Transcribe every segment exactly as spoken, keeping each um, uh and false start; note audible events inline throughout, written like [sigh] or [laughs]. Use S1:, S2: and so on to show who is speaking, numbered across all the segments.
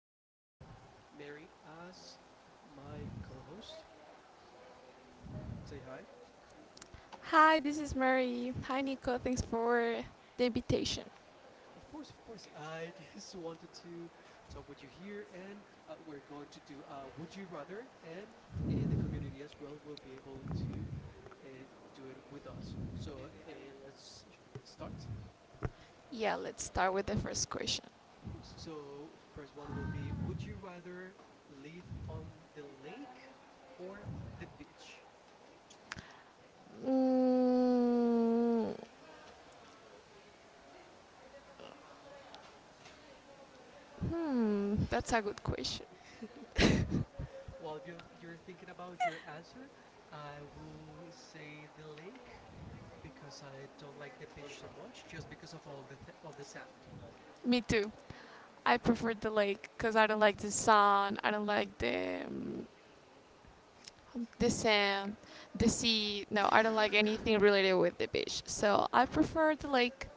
S1: have here Mary as my co host. Say hi.
S2: Hi, this is Mary. Hi, Nico. Thanks for the invitation.
S1: Of course, of course. I just [laughs] wanted to talk with you here, and uh, we're going to do uh, Would You Rather, and uh, the community as well will be able to uh, do it with us. So uh, let's sh- start.
S2: Yeah, let's start with the first question.
S1: Of course. So first one will be: Would you rather live on the lake or the beach?
S2: Mm, hmm, that's a good question.
S1: [laughs] While you're you're thinking about your answer, I will say the lake because I don't like the beach so much, just because of all the th- all the sand.
S2: Me too. I prefer the lake because I don't like the sun. I don't like the um, the sand, the sea. No, I don't like anything related with the beach. So I prefer the lake,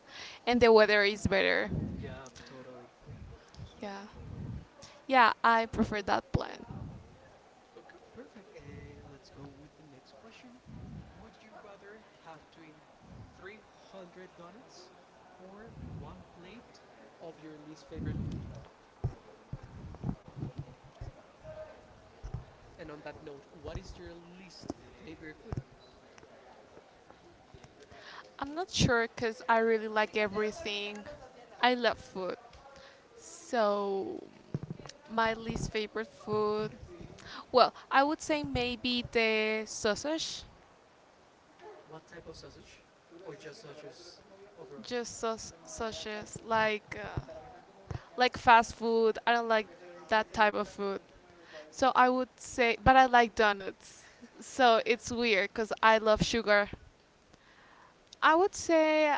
S2: and the weather is better.
S1: Yeah, totally.
S2: Yeah, yeah, I prefer that plan.
S1: Okay, perfect. Uh, let's go with the next question. Would you rather have to eat three hundred donuts or one plate of your least favorite food? And on that note, what is your least favorite food?
S2: I'm not sure because I really like everything. I love food. So, my least favorite food, well, I would say maybe the sausage.
S1: What type of sausage? Or just sausages overall?
S2: Just saus- sausages, like uh, like fast food. I don't like that type of food. So I would say, but I like donuts.
S1: [laughs]
S2: So it's weird because I love sugar. I would say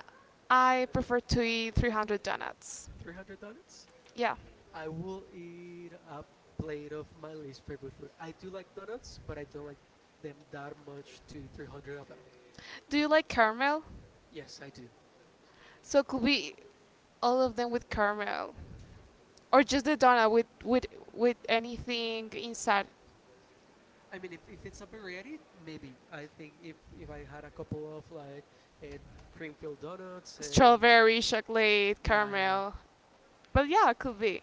S2: I prefer to eat three hundred donuts.
S1: three hundred donuts?
S2: Yeah.
S1: I will eat a plate of my least favorite food. I do like donuts, but I don't like them that much to three hundred of them.
S2: Do you like caramel?
S1: Yes, I do.
S2: So it could be all of them with caramel, or just the donut with with with anything inside.
S1: I mean, if, if it's a variety, maybe. I think if, if I had a couple of like uh, cream filled donuts and
S2: Strawberry, chocolate,
S1: yeah, yeah, yeah.
S2: caramel. But yeah, it could be.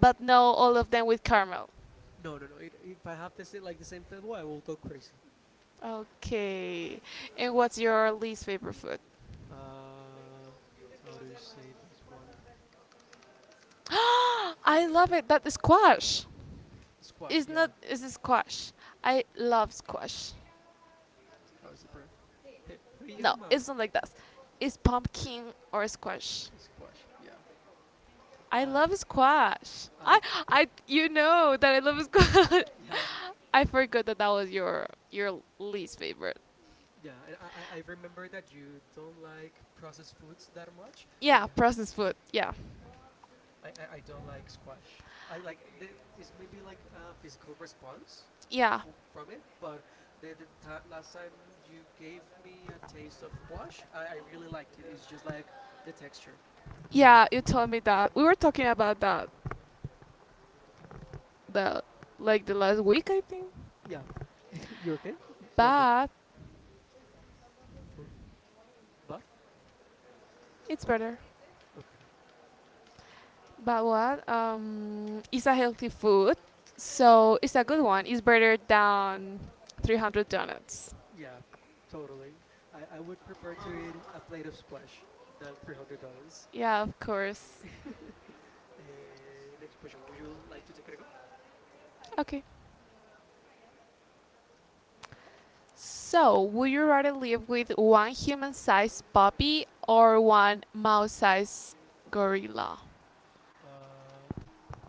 S2: But no, all of them with caramel.
S1: No, no, no. It, if I have this like the same flavor, I will go crazy.
S2: Okay. And what's your least favorite food?
S1: Uh, how do you say this one?
S2: [gasps] I love it. That is squash.
S1: Squash.
S2: It's
S1: Yeah.
S2: not. It's a squash. I love squash.
S1: How is it pronounced?
S2: No,
S1: Hariyama.
S2: it's not like that. It's pumpkin or squash.
S1: [laughs] Squash. Yeah.
S2: I
S1: Uh,
S2: love squash.
S1: I.
S2: I I you know that I love squash.
S1: Yeah.
S2: [laughs] I forgot that that was your your least favorite.
S1: Yeah. And I, I I remember that you don't like processed foods that much, but
S2: Yeah,
S1: yeah,
S2: processed food. Yeah.
S1: I I, I don't like squash. I like the is maybe like a physical response
S2: Yeah.
S1: f- from it, but the, the ti last time you gave me a taste of squash, I, I really liked it. It's just like the texture.
S2: Yeah, you told me that. We were talking about that the like the last week, I think.
S1: Yeah. [laughs] you okay? One minute.
S2: But
S1: Who? But
S2: it's better.
S1: okay,
S2: But what? Um it's a healthy food. So it's a good one. It's better than three hundred donuts.
S1: yeah, totally. I I would prefer to eat a plate of squash than three hundred dollars.
S2: Yeah, of course.
S1: [laughs] Eh, next question. Would you like to take it a go?
S2: Okay. So, would you rather live with one human sized puppy or one mouse sized gorilla?
S1: Uh,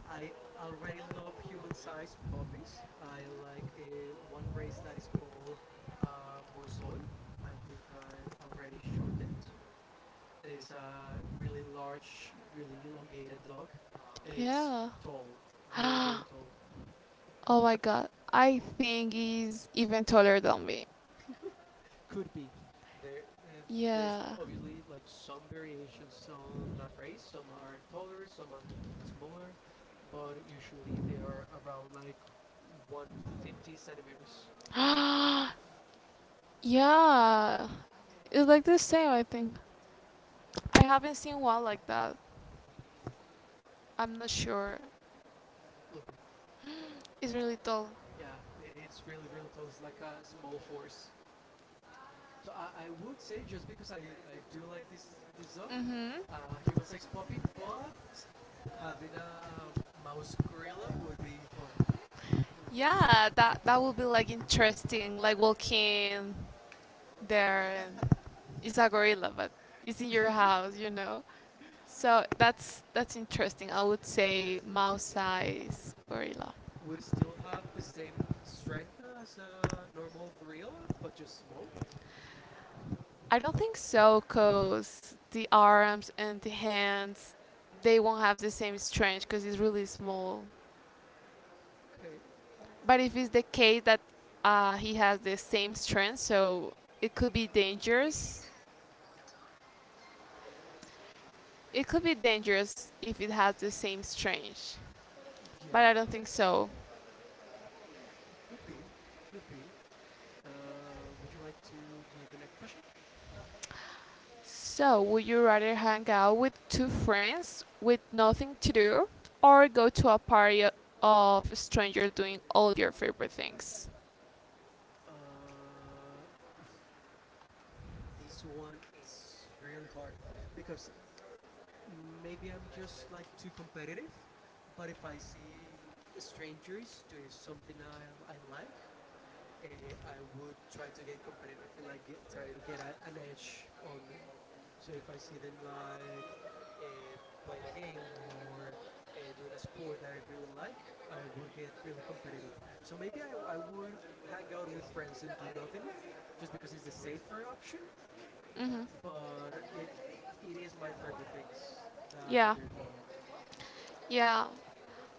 S1: I already love human-sized puppies. I like a one race that is called uh, Borsoi. I think I've already shown it. And it's a really large, really elongated dog, and it's
S2: Yeah.
S1: tall,
S2: [gasps]
S1: really, really
S2: Oh
S1: tall.
S2: my God. I think he's even taller than me.
S1: [laughs] could be there uh, there's
S2: Yeah.
S1: obviously like some variations on that race, some are taller, some are smaller, but usually they are around like a hundred fifty centimeters.
S2: [gasps] Yeah. It's like the same, I think. I haven't seen one like that. I'm not sure.
S1: Look at
S2: It's really tall.
S1: yeah, I it's really, really tall. It's like a small horse, so i, I would say just because i i do like this this dog,
S2: Mm-hmm.
S1: uh, human sized puppy, but having a mouse gorilla would be fun, like
S2: Yeah, that that would be like interesting, like walking there and it's a gorilla, but it's in your
S1: [laughs]
S2: house, you know. So that's that's interesting. I would say mouse size gorilla.
S1: Would it still have the same strength as a normal gorilla, but just small?
S2: I don't think so, cause the arms and the hands, they won't have the same strength, cause it's really small.
S1: Okay. Uh,
S2: But if it's the case that uh, he has the same strength, so it could be dangerous. It could be dangerous if it has the same strength, but I
S1: yeah.
S2: don't think so.
S1: Hmm, could be. Could be. Uh, would you like to do the next question?
S2: So, would you rather hang out with two friends with nothing to do, or go to a party o- of strangers doing all your favorite things?
S1: Uh, oof, this one is really hard because maybe I'm just like too competitive. But if I see strangers do something I, I like, uh, I would try to get competitive, like get, try to get a, an edge on them. So if I see them like uh, playing a game or uh, doing a sport that I really like, I would get really competitive. So maybe I, I would hang out with friends and do nothing, just because it's the safer option.
S2: Hmm.
S1: But it it, it is my favorite things that,
S2: Yeah,
S1: that they're doing.
S2: yeah.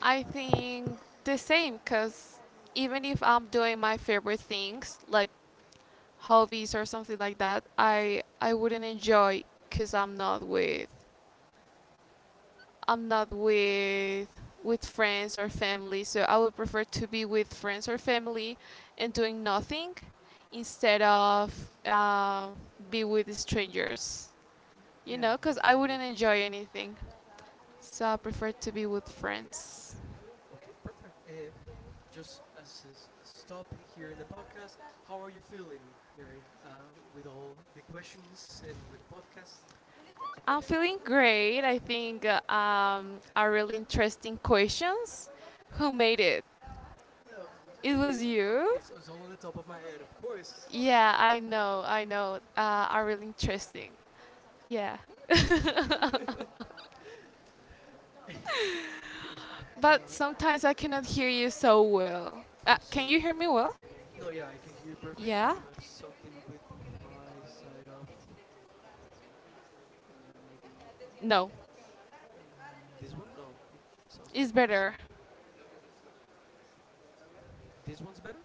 S2: I think the same because even if I'm doing my favorite things like hobbies or something like that, I I wouldn't enjoy because I'm not with I'm not with with friends or family. So I would prefer to be with friends or family and doing nothing instead of uh, be with strangers. You know,
S1: Yeah, I
S2: because I
S1: feel you.
S2: wouldn't enjoy anything. So I prefer to be with friends.
S1: Okay, perfect. Uh, just as a s- a stop here in the podcast, how are you feeling, Mary, uh, with all the questions and with the podcast?
S2: I'm feeling great. I think uh, um, are really interesting questions. Who made it?
S1: Um, it,
S2: It was
S1: it,
S2: you.
S1: it's, it's all on the top of my head, of course.
S2: Yeah, I know. I know. Uh, are really interesting. Yeah. [laughs]
S1: [laughs] of course.
S2: But
S1: Uh,
S2: sometimes I cannot hear you so well. Uh,
S1: I'm
S2: can you
S1: sorry.
S2: hear me well?
S1: No, yeah, I can hear you perfect. I
S2: Yeah.
S1: don't know if something with my side of uh, maybe no.
S2: No,
S1: Mm, this one? No, it sounds
S2: it's
S1: like
S2: better.
S1: same. This one's better?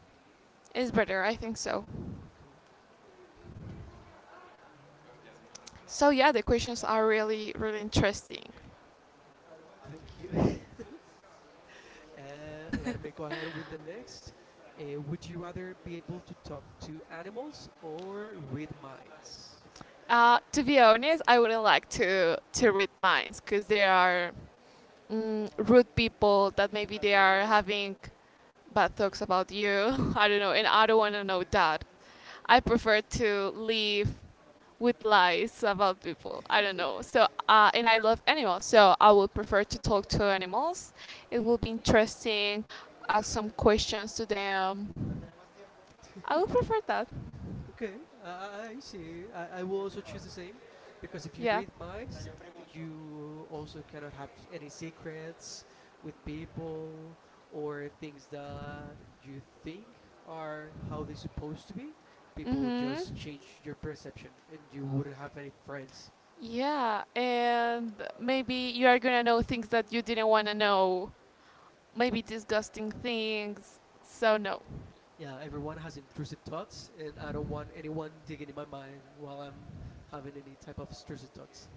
S2: It's better. I think so.
S1: Okay.
S2: So yeah, the questions are really really interesting.
S1: Thank you. [laughs] uh, let me go ahead with the next. Uh, would you rather be able to talk to animals or read minds?
S2: Uh, to be honest, I wouldn't like to to read minds because they are mm, rude people that maybe they are having bad thoughts about you. [laughs] I don't know, and I don't want to know that. I prefer to live with lies about people. I don't know. So,
S1: [laughs]
S2: uh, and I love animals, so I would prefer to talk to animals. It will be interesting. Ask some questions to them. I would prefer that.
S1: Okay, I, I see. I, I will also choose the same because if you read minds, you also cannot have any secrets with people or things that you think are how they're supposed to be. People just change your perception and you wouldn't have any friends.
S2: Yeah, and maybe you are gonna know things that you didn't wanna know. Maybe disgusting things. So no.
S1: Yeah, everyone has intrusive thoughts, and I don't want anyone digging in my mind while I'm having any type of intrusive thoughts.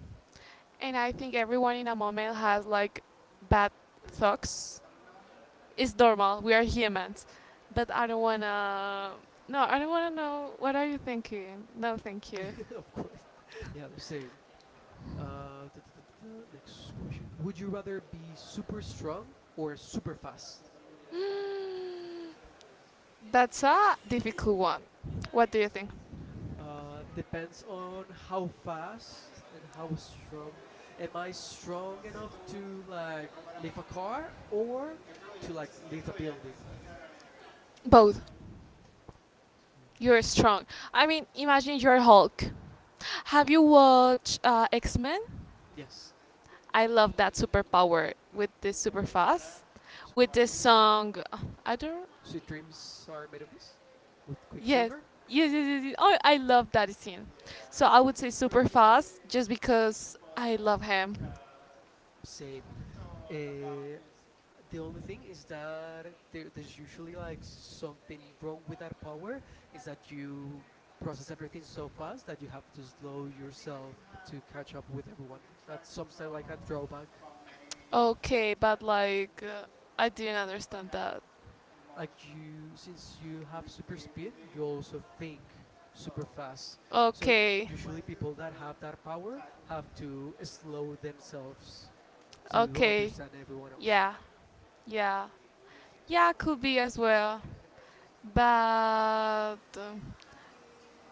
S2: And I think everyone in a moment has like bad thoughts. It's normal. We are humans. But I don't wanna. No, I don't wanna know. What are you thinking? No, thank you.
S1: [laughs] of course. Yeah, same. Uh, ta- ta- ta- ta- ta, next question. Would you rather be super strong or super fast?
S2: Mm, That's a difficult one. What do you think?
S1: Uh, depends on how fast and how strong. Am I strong enough to like lift a car or to like lift a building?
S2: Both.
S1: Mm.
S2: You're strong. I mean, imagine you're Hulk. Have you watched uh, X Men?
S1: Yes.
S2: I love that superpower with the super fast,
S1: Sweet
S2: with the song. I don't.
S1: dreams are made of this, with
S2: Yes.
S1: Quicksilver.
S2: Yes, yes, yes, yes. Oh, I love that scene. So I would say super fast just because I love him.
S1: Same. Uh, the only thing is that there, there's usually like something wrong with that power, is that you process everything so fast that you have to slow yourself to catch up with everyone. That's something like a drawback.
S2: Okay, but like uh, I didn't understand that.
S1: Like you, since you have super speed, you also think super fast. So
S2: Okay,
S1: usually people that have that power have to slow themselves to
S2: okay.
S1: understand everyone else.
S2: Yeah, yeah. Yeah, could be as well. But um,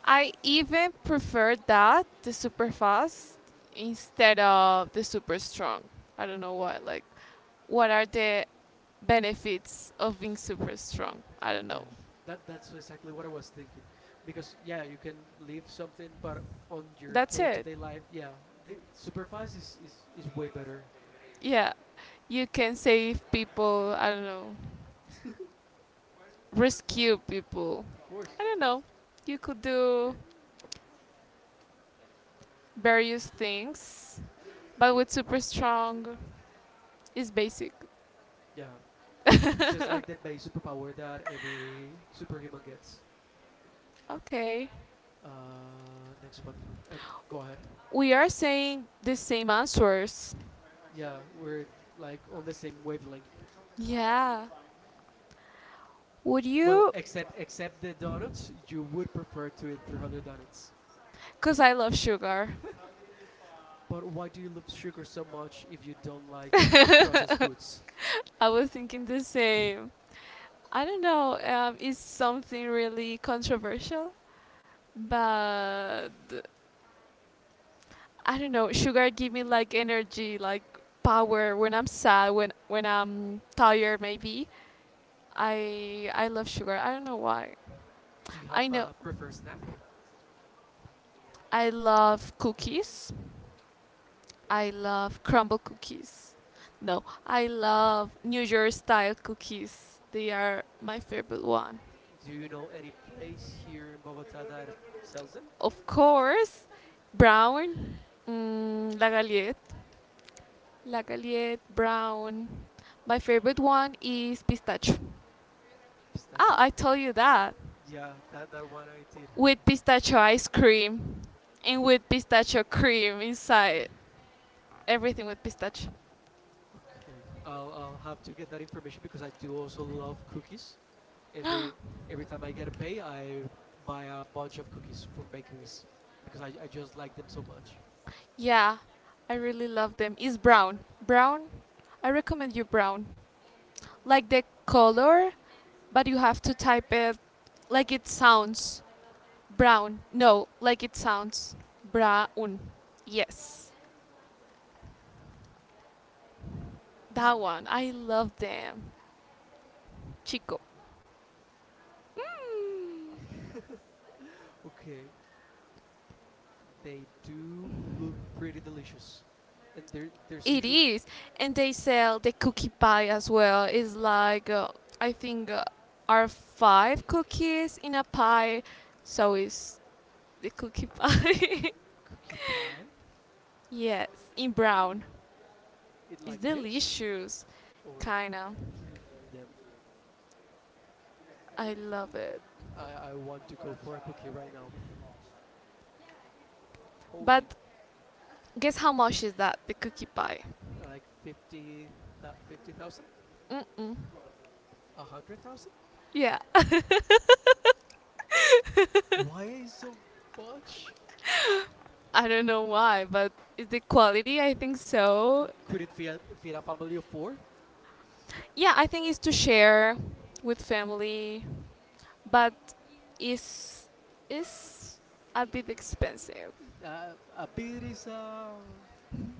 S2: I even prefer that, the super fast, instead of the super strong. I don't know why. Like, what are the benefits of being super strong? I don't know.
S1: Yeah, that that's exactly what I was thinking. Because yeah, you can leave something, but on your
S2: That's it.
S1: day-to-day life, yeah, the supervised is is, is way better.
S2: Yeah. You can save people, I don't know,
S1: [laughs] of
S2: rescue people.
S1: course.
S2: I don't know. You could do various things, but with super strong is basic.
S1: Yeah, it's just like the base superpower that every superhuman gets.
S2: Okay.
S1: Uh, next one. Uh, go ahead.
S2: We are saying the same answers.
S1: Yeah, we're like on the same wavelength.
S2: Yeah. Would
S1: Well,
S2: you?
S1: except except the donuts, you would prefer to eat
S2: The other.
S1: three hundred donuts.
S2: Because I love sugar.
S1: [laughs]
S2: But
S1: but why do you love sugar so much if you don't like processed foods?
S2: [laughs] I was thinking the
S1: [laughs] do
S2: same. I don't know. Um, it's something really controversial, but I don't know. Sugar give me like energy, like power when I'm sad, when when I'm tired, maybe. I I love sugar. I don't know why.
S1: you have
S2: I know.
S1: a preferred snack?
S2: I love cookies. I love crumble cookies. No, I love New York style cookies. They are my favorite one.
S1: Do you know any place here in Bogota that sells them?
S2: Of course, Brown, mm, la galette. La Galette, Brown. My favorite one is pistachio. Ah,
S1: Pistachio?
S2: I told you that.
S1: Yeah, that, that one I did heard.
S2: With pistachio ice cream and with pistachio cream inside. Everything with pistachio.
S1: [laughs] okay, I'll, I'll have to get that information because I do also love cookies. Every every time I get a pay, I buy a bunch of cookies from bakeries because I, I just like them so much.
S2: Yeah, I really love them. It's Brown. Brown, I recommend you Brown. Like the color, but you have to type it like it sounds. Brown. No, like it sounds. Brown. Yes, that
S1: Brown
S2: one. I
S1: cookies.
S2: love them. Chico. Mm.
S1: [laughs] okay, they do look pretty delicious, and there there's
S2: It
S1: usually
S2: is, and they sell the cookie pie as well. It's like uh, I think uh, are five cookies in a pie, so it's the cookie pie.
S1: cookie pie.
S2: [laughs] Yes, in Brown.
S1: It
S2: It's
S1: like this,
S2: delicious,
S1: or
S2: kinda.
S1: them.
S2: I love it.
S1: I I want to go for a cookie right now. Holy,
S2: But guess how much is that the cookie pie?
S1: like fifty, thou- fifty thousand?
S2: Mm-mm.
S1: A hundred thousand?
S2: Yeah,
S1: [laughs] Why so much?
S2: [laughs] I don't know why, but is the quality. I think so.
S1: Could it feed, feed a family of four?
S2: Yeah, I think it's to share with family, but is is a bit expensive.
S1: Uh, a bit is a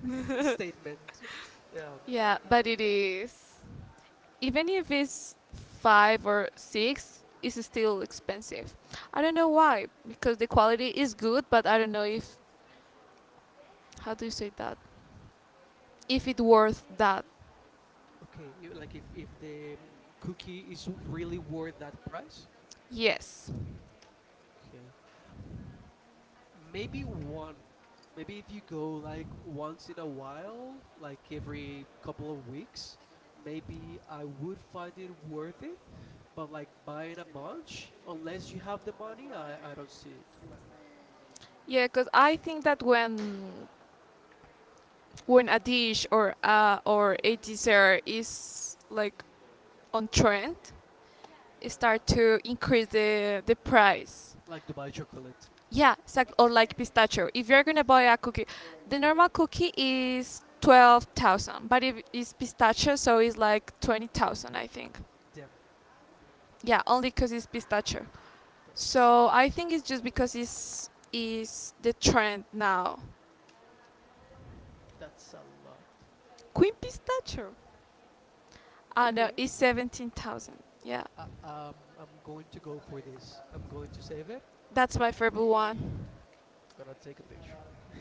S1: [laughs] statement. Yeah.
S2: Yeah, but it is. Even if it's five or six, it's still expensive. I don't know why, because the quality is good, but I don't know if how do you say that? If it worth that?
S1: Okay. You- like if if the cookie is w- really worth that price.
S2: Yes.
S1: Okay. Maybe one. Maybe if you go like once in a while, like every couple of weeks, maybe I would find it worth it. But like buying a bunch, unless you have the money, I, I don't see it.
S2: Yeah, because I think that when when a dish or uh, or a dessert is like on trend, it start to increase the the price.
S1: Like Dubai chocolate.
S2: Yeah, exactly. Or like pistachio. If you're gonna buy a cookie, the normal cookie is twelve thousand, but if it's pistachio, so it's like twenty thousand, I think.
S1: Damn,
S2: Yeah, only 'cause it's pistachio.
S1: that's
S2: So I think it's just because it's is the trend now.
S1: That's a lot.
S2: Queen pistachio. Ah no,
S1: Okay.
S2: it's seventeen thousand. Yeah,
S1: Uh, um, I'm going to go for this. I'm going to save it.
S2: that's my favorite one.
S1: I'm gonna take a picture. [laughs]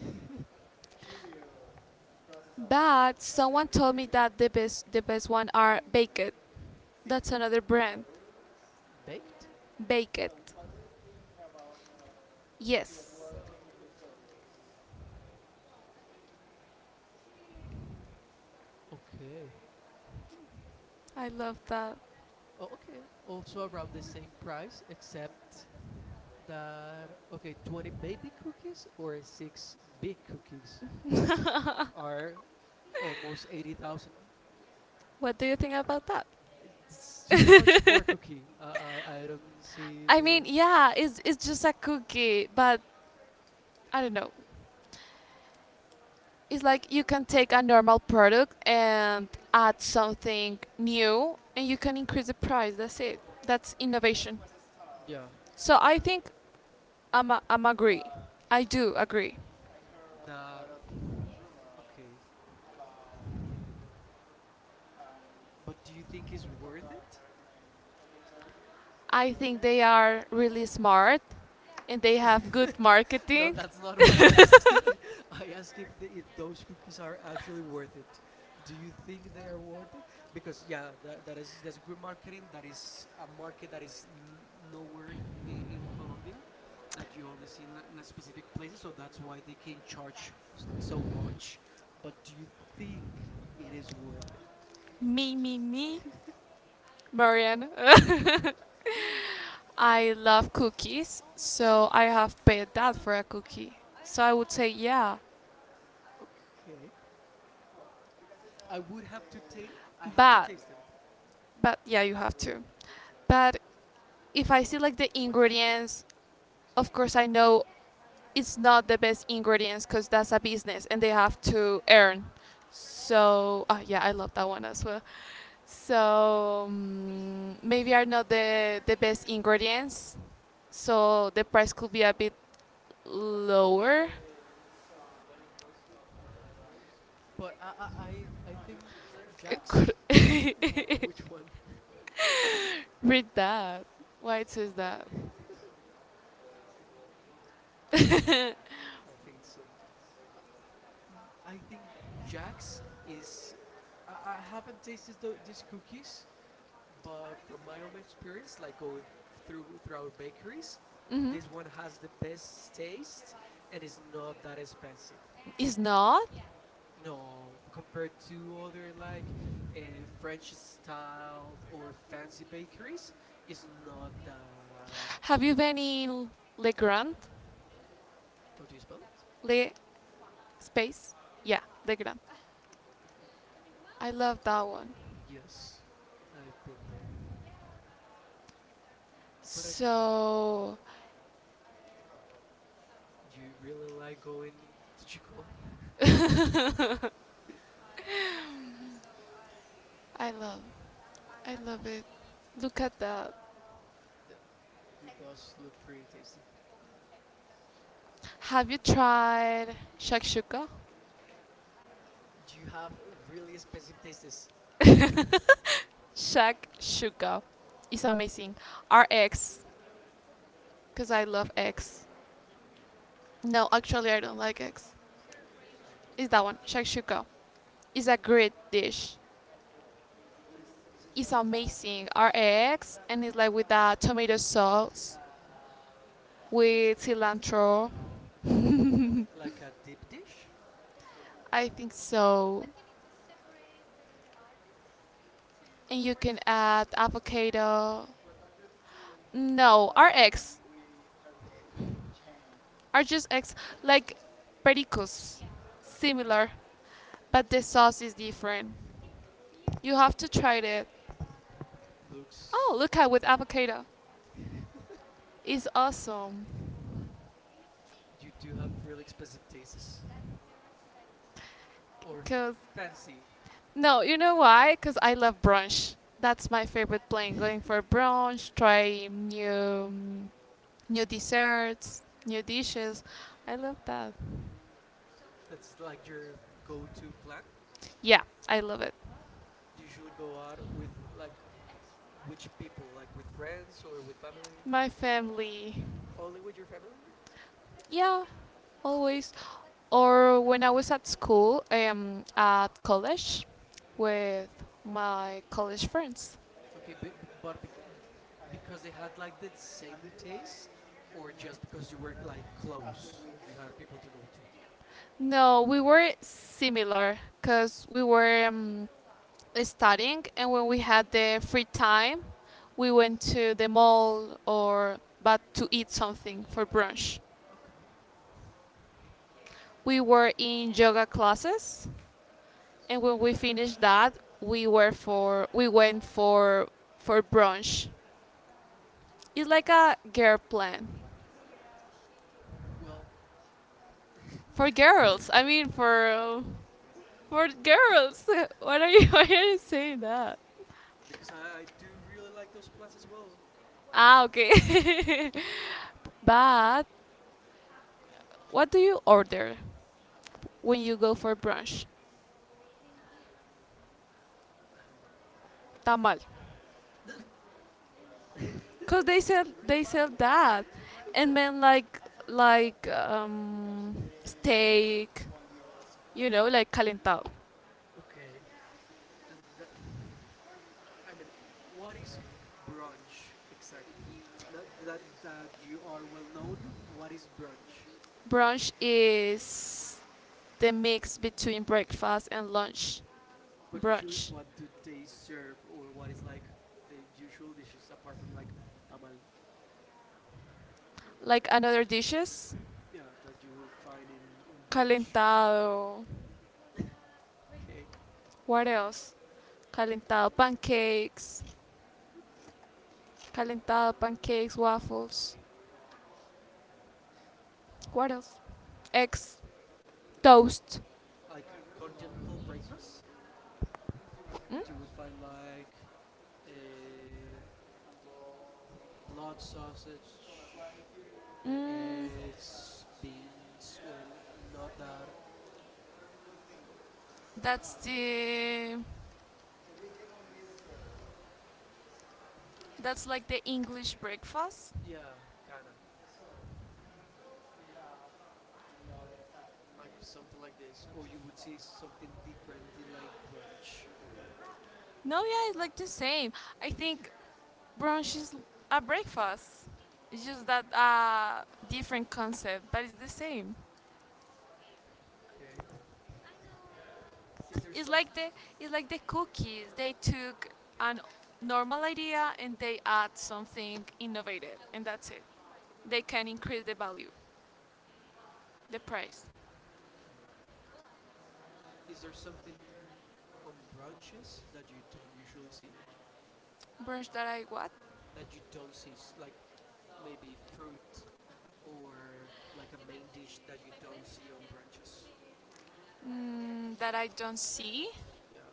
S2: But someone told me that the best the best one are Baked. That's another brand.
S1: Baked?
S2: Baked. Yes,
S1: Okay.
S2: I love that.
S1: Oh, okay. Also around the same price, except that okay, twenty baby cookies or six big cookies
S2: [laughs]
S1: are almost eighty thousand.
S2: What do you think about that?
S1: It's too much for a
S2: [laughs]
S1: cookie. I I I don't see
S2: I
S1: the
S2: mean, yeah, it's it's just a cookie, but I don't know. It's like you can take a normal product and add something new, and you can increase the price. That's it. That's innovation.
S1: yeah.
S2: So I think I'm a, I'm agree. I do agree.
S1: That okay. But do you think it's worth it?
S2: I think they are really smart and they have good [laughs]
S1: [laughs] no,
S2: marketing.
S1: that's not what I asked. [laughs] I asked if the, if those cookies are actually worth it. Do you think they are worth it? Because yeah, that, that is that's good marketing. That is a market that is n- nowhere in, in Colombia, that you only see in, a- in a specific places. So that's why they can charge s- so much. But do you think it is worth
S2: [laughs] Me me me,
S1: it? [laughs]
S2: Mariana. [laughs] I love cookies, so I have paid that for a cookie. So I would say yeah,
S1: Okay, I would have to taste. I have to
S2: but
S1: taste them.
S2: but yeah, you have to. But if I see like the ingredients, of course I know it's not the best ingredients because that's a business and they have to earn. So ah yeah, I love that one as well. So mm, maybe are not the the best ingredients, so the price could be a bit lower.
S1: But I I I, I think
S2: It could-
S1: Jax, [laughs] which
S2: [laughs]
S1: one?
S2: Read that. Why it says that?
S1: [laughs] same.
S2: [laughs]
S1: I think it's same. Uh, uh, mm, I think Jax is. I, I haven't tasted tho- these cookies, but from my own experience, like going through throughout bakeries,
S2: Mhm.
S1: this one has the best taste and is not that expensive.
S2: It's not.
S1: No, compared to other like uh, French styled or fancy bakeries, is not that.
S2: Have you been in Le Grand?
S1: How do you spell it?
S2: Le Space? Yeah, Le Grand. I love that one.
S1: Yes, I've been there, but I.
S2: So
S1: You really like going to Chico? [laughs]
S2: [laughs] I love I love it. Look at that.
S1: Damn, it does look pretty tasty.
S2: Have you tried shakshuka?
S1: Do you have really expensive tastes,
S2: Shakshuka is amazing. R X cuz I love X. No, actually I don't like X. It's that one, shakshuka. It's a great dish. It's amazing. Our eggs and it's like with that tomato sauce with cilantro.
S1: like a deep dish?
S2: I think so. And you can add avocado. No, our eggs are just eggs. Like pericos.
S1: Okay,
S2: Similar, but the sauce is different. You have to try it. Oh,
S1: looks.
S2: look at with avocado. It's
S1: [laughs]
S2: awesome.
S1: you do have really expensive tastes or f-
S2: Cause
S1: fancy.
S2: No, you know why? Because I love brunch. That's my favorite plan. Going for
S1: [laughs]
S2: brunch, try new new desserts, new dishes. I love that.
S1: That's like your go-to plan.
S2: Yeah, I love it.
S1: Do you usually go out with like which people, like with friends or with family?
S2: My family.
S1: Only with your family?
S2: Yeah, always. Or when I was at school, um, at college with my college friends.
S1: Okay, but, but bec- because they had like the same taste, or just because you were like close and you had people to go to?
S2: No, we were similar because we were um, studying, and when we had the free time, we went to the mall or but to eat something for brunch.
S1: Okay.
S2: We were in yoga classes, and when we finished that, we were for we went for for brunch. It's like a girl plan
S1: Well,
S2: for girls.
S1: [laughs]
S2: I mean for uh, for girls. [laughs] What are you? [laughs] Why are you saying that?
S1: because I, I do really like those plants as well.
S2: Ah, okay. [laughs]
S1: [laughs]
S2: But what do you order when you go for brunch?
S1: I don't know.
S2: Tamal. Cause
S1: [laughs]
S2: they sell they sell that, and then like like um steak, you know, like calentado.
S1: okay. That, that, I mean, what is brunch exactly? Now that that you are well known, what is brunch?
S2: Brunch is the mix between breakfast and lunch.
S1: But usually,
S2: Brunch,
S1: what do they serve, or what is like the usual dishes apart from like tamal?
S2: like another dishes.
S1: Yeah, that you will find in in brunch.
S2: Calentado.
S1: [laughs] Okay.
S2: What else? Calentado pancakes.
S1: Okay.
S2: Calentado pancakes, waffles. What else? Eggs,
S1: Okay.
S2: toast.
S1: Like a continental breakfast
S2: Mm,
S1: that you would find like uh, blood sausage, uh,
S2: mm,
S1: eggs, beans, or n- nodar.
S2: that's the that's like the English breakfast.
S1: Yeah, kinda. Like something like this, or you would see something different in like brunch.
S2: No, yeah, it's like the same. I think brunch is a breakfast. It's just that uh different concept, but it's the same.
S1: Okay. Is there
S2: It's
S1: some
S2: like the it's like the cookies. They took an normal idea and they add something innovative, and that's it. They can increase the value, the price.
S1: okay. Is there something on branches that you don't usually see?
S2: Brunch that I what?
S1: That you don't see s- like maybe fruit or like a main dish that you don't see on branches?
S2: Mm, that I don't see.
S1: Yeah.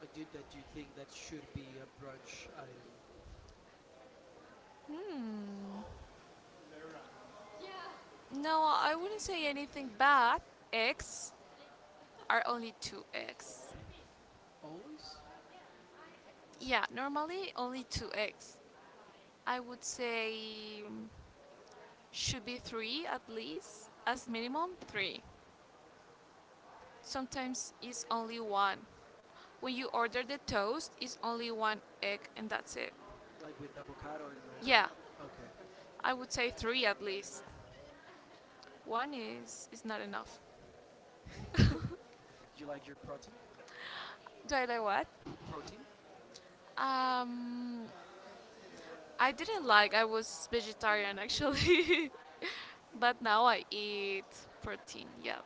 S1: Like do that you think that should be a brunch item
S2: Hmm. No, I wouldn't say anything bad. Eggs are only two eggs.
S1: always?
S2: Yeah, normally only two eggs. I would say mm, should be three at least, as minimum three. Sometimes it's only one. When you order the toast, it's only one egg and that's it.
S1: Like with avocado and all that?
S2: Yeah,
S1: Okay.
S2: I would say three at least. One is is not enough.
S1: [laughs] You like your protein?
S2: Do I like what?
S1: Protein?
S2: Um, I didn't like. I was vegetarian actually. [laughs] But now I eat protein, yeah.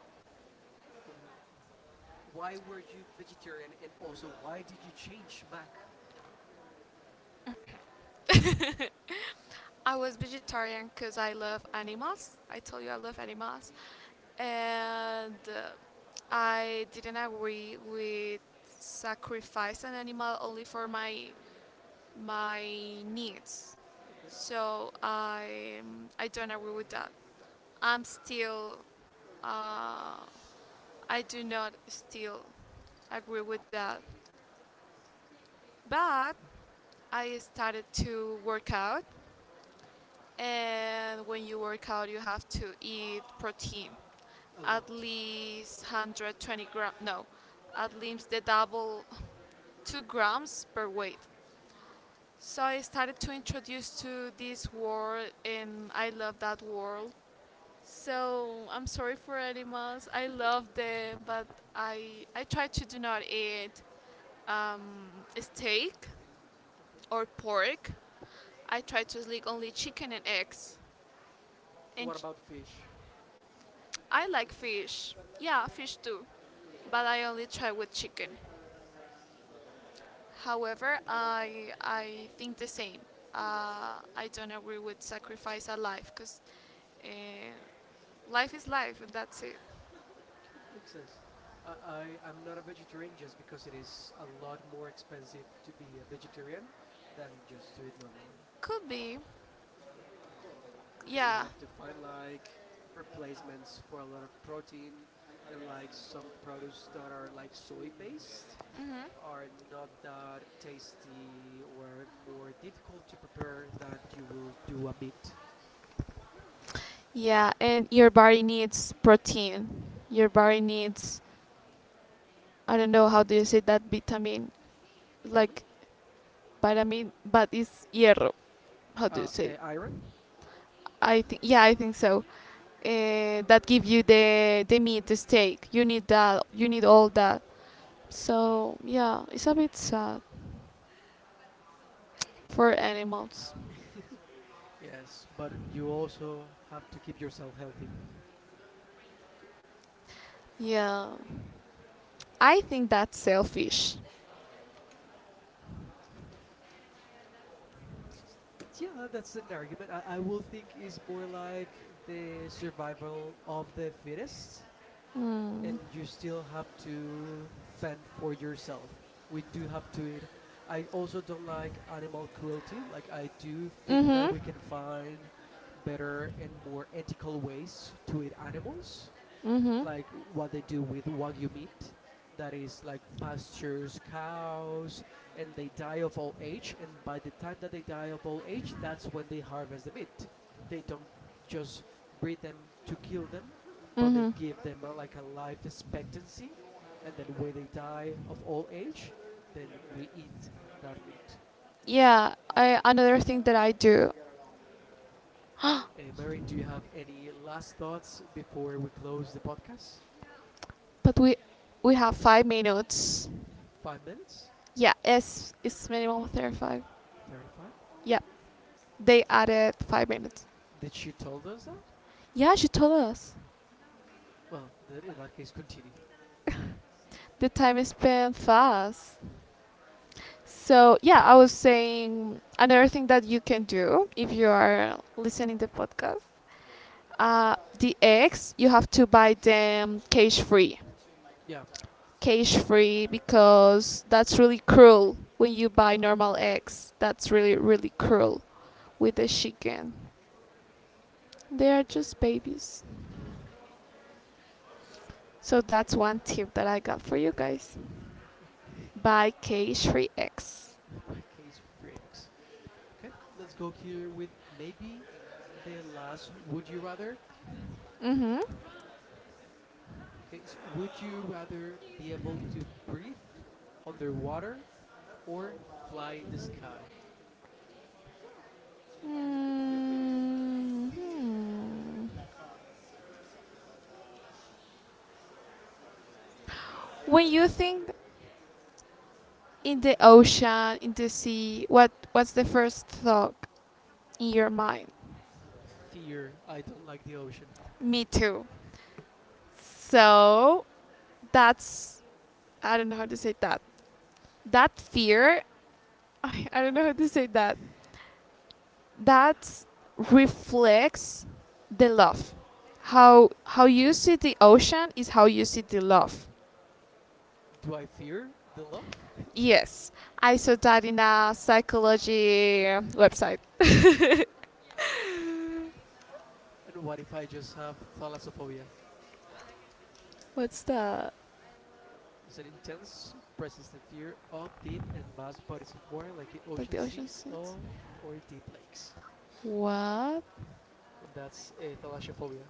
S1: Why were you vegetarian and also why did you change back?
S2: [laughs] I was vegetarian because I love animals. I told you I love animals. And uh, I didn't agree with sacrifice an animal only for my my needs.
S1: Okay,
S2: So I I don't agree with that. I'm still uh, I do not still agree with that. But I started to work out. And when you work out, you have to eat protein,
S1: a
S2: at
S1: lot.
S2: least one hundred twenty grams, no, at least the double, two grams per weight. So I started to introduce to this world, and I love that world. So I'm sorry for animals. I love
S1: [laughs]
S2: them, but I I try to do not eat um, steak
S1: Okay.
S2: or pork. I try to eat only chicken and eggs. And
S1: What about fish?
S2: I like fish. Yeah, fish too. But I only try with chicken. However, I I think the same. Uh, I don't agree with sacrifice a life because uh, life is life and that's it.
S1: Okay, makes sense. I I I'm not a vegetarian just because it is a lot more expensive to be a vegetarian than just to eat normally,
S2: Could be.
S1: because you
S2: Yeah.
S1: have to find like replacements for a lot of protein, and like some produce that are like soy based
S2: Hmm.
S1: are not that tasty or more difficult to prepare that you will do a meat
S2: Yeah, and your body needs protein. Your body needs I don't know how do you say that vitamin
S1: vitamin
S2: like pyramid, but it's hierro. How do you
S1: uh
S2: say?
S1: a iron.
S2: I think yeah, I think so. Uh, that give you the the meat, the steak. You need that. You need all that. So yeah, it's a bit sad for animals.
S1: [laughs] Yes, but you also have to keep yourself healthy.
S2: Yeah, I think that's selfish.
S1: Yeah, that's an argument i, I will think is more like the survival of the fittest, and
S2: Mm.
S1: you still have to fend for yourself. We do have to eat. I also don't like animal cruelty. Like I do think that
S2: Mhm.
S1: we can find better and more ethical ways to eat animals,
S2: Mhm.
S1: like what they do with wagyu meat, that is like pastures cows, and they die of old age, and by the time that they die of old age, that's when they harvest the meat. They don't just breed them to kill them, but they
S2: Mm-hmm. Give
S1: give them a, like a life expectancy, and then when they die of old age, then we
S2: meat.
S1: eat that meat.
S2: Yeah, I, another thing that I do.
S1: Uh,
S2: [gasps]
S1: mary, do you have any last thoughts before we close the podcast?
S2: But we we have five minutes.
S1: Five minutes.
S2: Yeah, it's it's minimum thirty five.
S1: thirty five.
S2: Yeah, they added five minutes.
S1: Did she told us that?
S2: Yeah, she told us.
S1: Well, then in that case, continue.
S2: The time is spent fast. So yeah, I was saying another thing that you can do if you are listening to the podcast. Uh, the eggs you have to buy them cage free.
S1: Yeah.
S2: Cage free because that's really cruel when you buy normal eggs. That's really really cruel with the chicken. They are just babies. So that's one tip that I got for you guys.
S1: Okay.
S2: Buy cage free eggs.
S1: [laughs] My case freaks. Okay, let's go here with maybe the last would you rather.
S2: Mhm.
S1: Okay, so would you rather be able to breathe underwater or fly in the sky?
S2: Mm, hmm. When you think in the ocean, in the sea, what what's the first thought in your mind?
S1: Fear, I don't like the ocean.
S2: Me too. So that's I don't know how to say that. That fear, [laughs] I, I don't know how to say that.
S1: [laughs]
S2: That reflects the love. How how you see the ocean is how you see the love.
S1: Do I fear the love? [laughs]
S2: Yes, I saw that in a psychology website.
S1: And what if I just have thalassophobia?
S2: What's that?
S1: It's an intense, persistent fear of deep and vast bodies of water like the
S2: Like
S1: ocean
S2: the ocean
S1: seas,
S2: scenes.
S1: or, or deep lakes.
S2: What?
S1: That's uh, thalassophobia.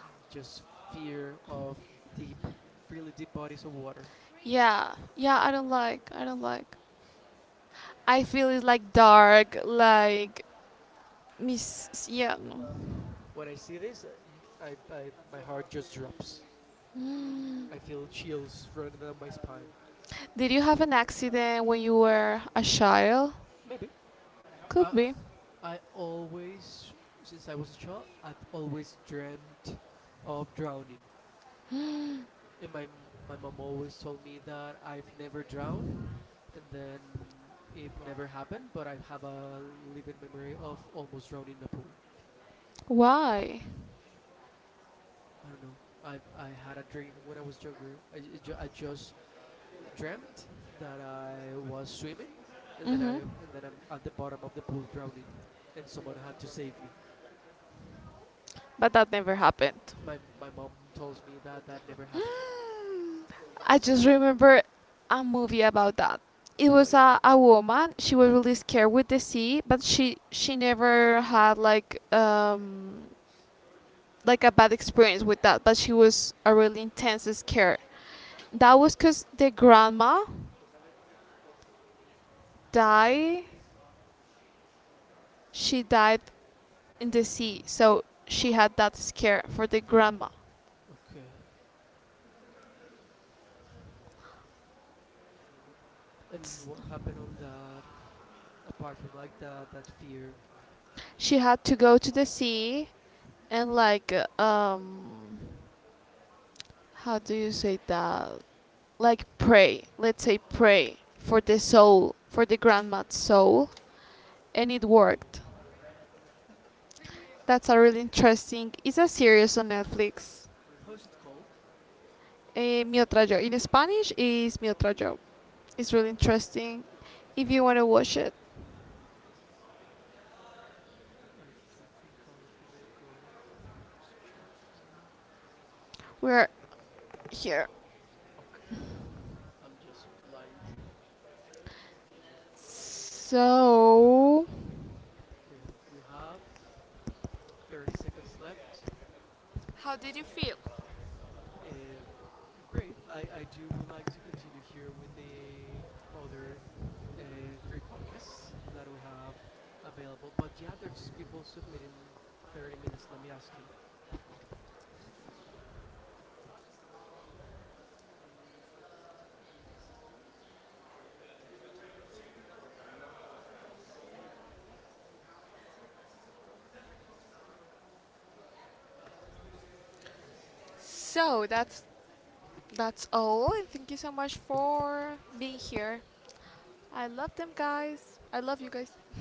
S1: Mm, just fear of deep, really deep bodies of water.
S2: Yeah, yeah. I don't like. I don't like. I feel it's like dark, like Miss yeah. No.
S1: When I see this, I I my heart just drops.
S2: I
S1: I feel chills running down my spine.
S2: did you have an accident when you were a child?
S1: Maybe.
S2: Could
S1: Uh,
S2: be.
S1: I always, since I was a child, I've always dreamt of drowning, and my m- my mom always told me that I've never drowned, and then it never happened. But I have a living memory of almost drowning in a pool.
S2: Why?
S1: I don't know. I've I had a dream when I was younger. I, j- ju- I just dreamt that I was swimming, and then I
S2: Hmm.
S1: and then I'm at the bottom of the pool drowning, and someone had to save me.
S2: But that never happened. [gasps]
S1: My my mom tells me
S2: Never
S1: that that never happened.
S2: happened. I just remember a movie about that. It
S1: What do
S2: was
S1: you mean?
S2: a, a woman. She was really scared with the sea, but she she never had like um like a bad experience with that, but she was a really intense scare. That was because the grandma died. She died in the sea, so she had that scare for the grandma.
S1: Okay. And what happened on that? Apart from like that, that fear.
S2: She had to go to the sea and like um, how do you say that? Like pray. Let's say pray for the soul, for the grandma's soul, and it worked. That's a really interesting. It's a series on Netflix.
S1: How is it called?
S2: Eh, mi otra yo. In Spanish is mi otra yo. It's really interesting. If you want to watch it,
S1: I do think I'll give it a go. Let me just check here.
S2: we're here.
S1: Okay. I'm just blind.
S2: So,
S1: Okay. We have thirty seconds left.
S2: how did you feel?
S1: Uh, great. I, I do would like to continue here with the other uh, three podcasts that we have available. But yeah, there's people submitting thirty minutes. Let me ask him.
S2: So that's that's all. And thank you so much for being here. I love them guys. I
S1: Bye
S2: love you guys.
S1: bye.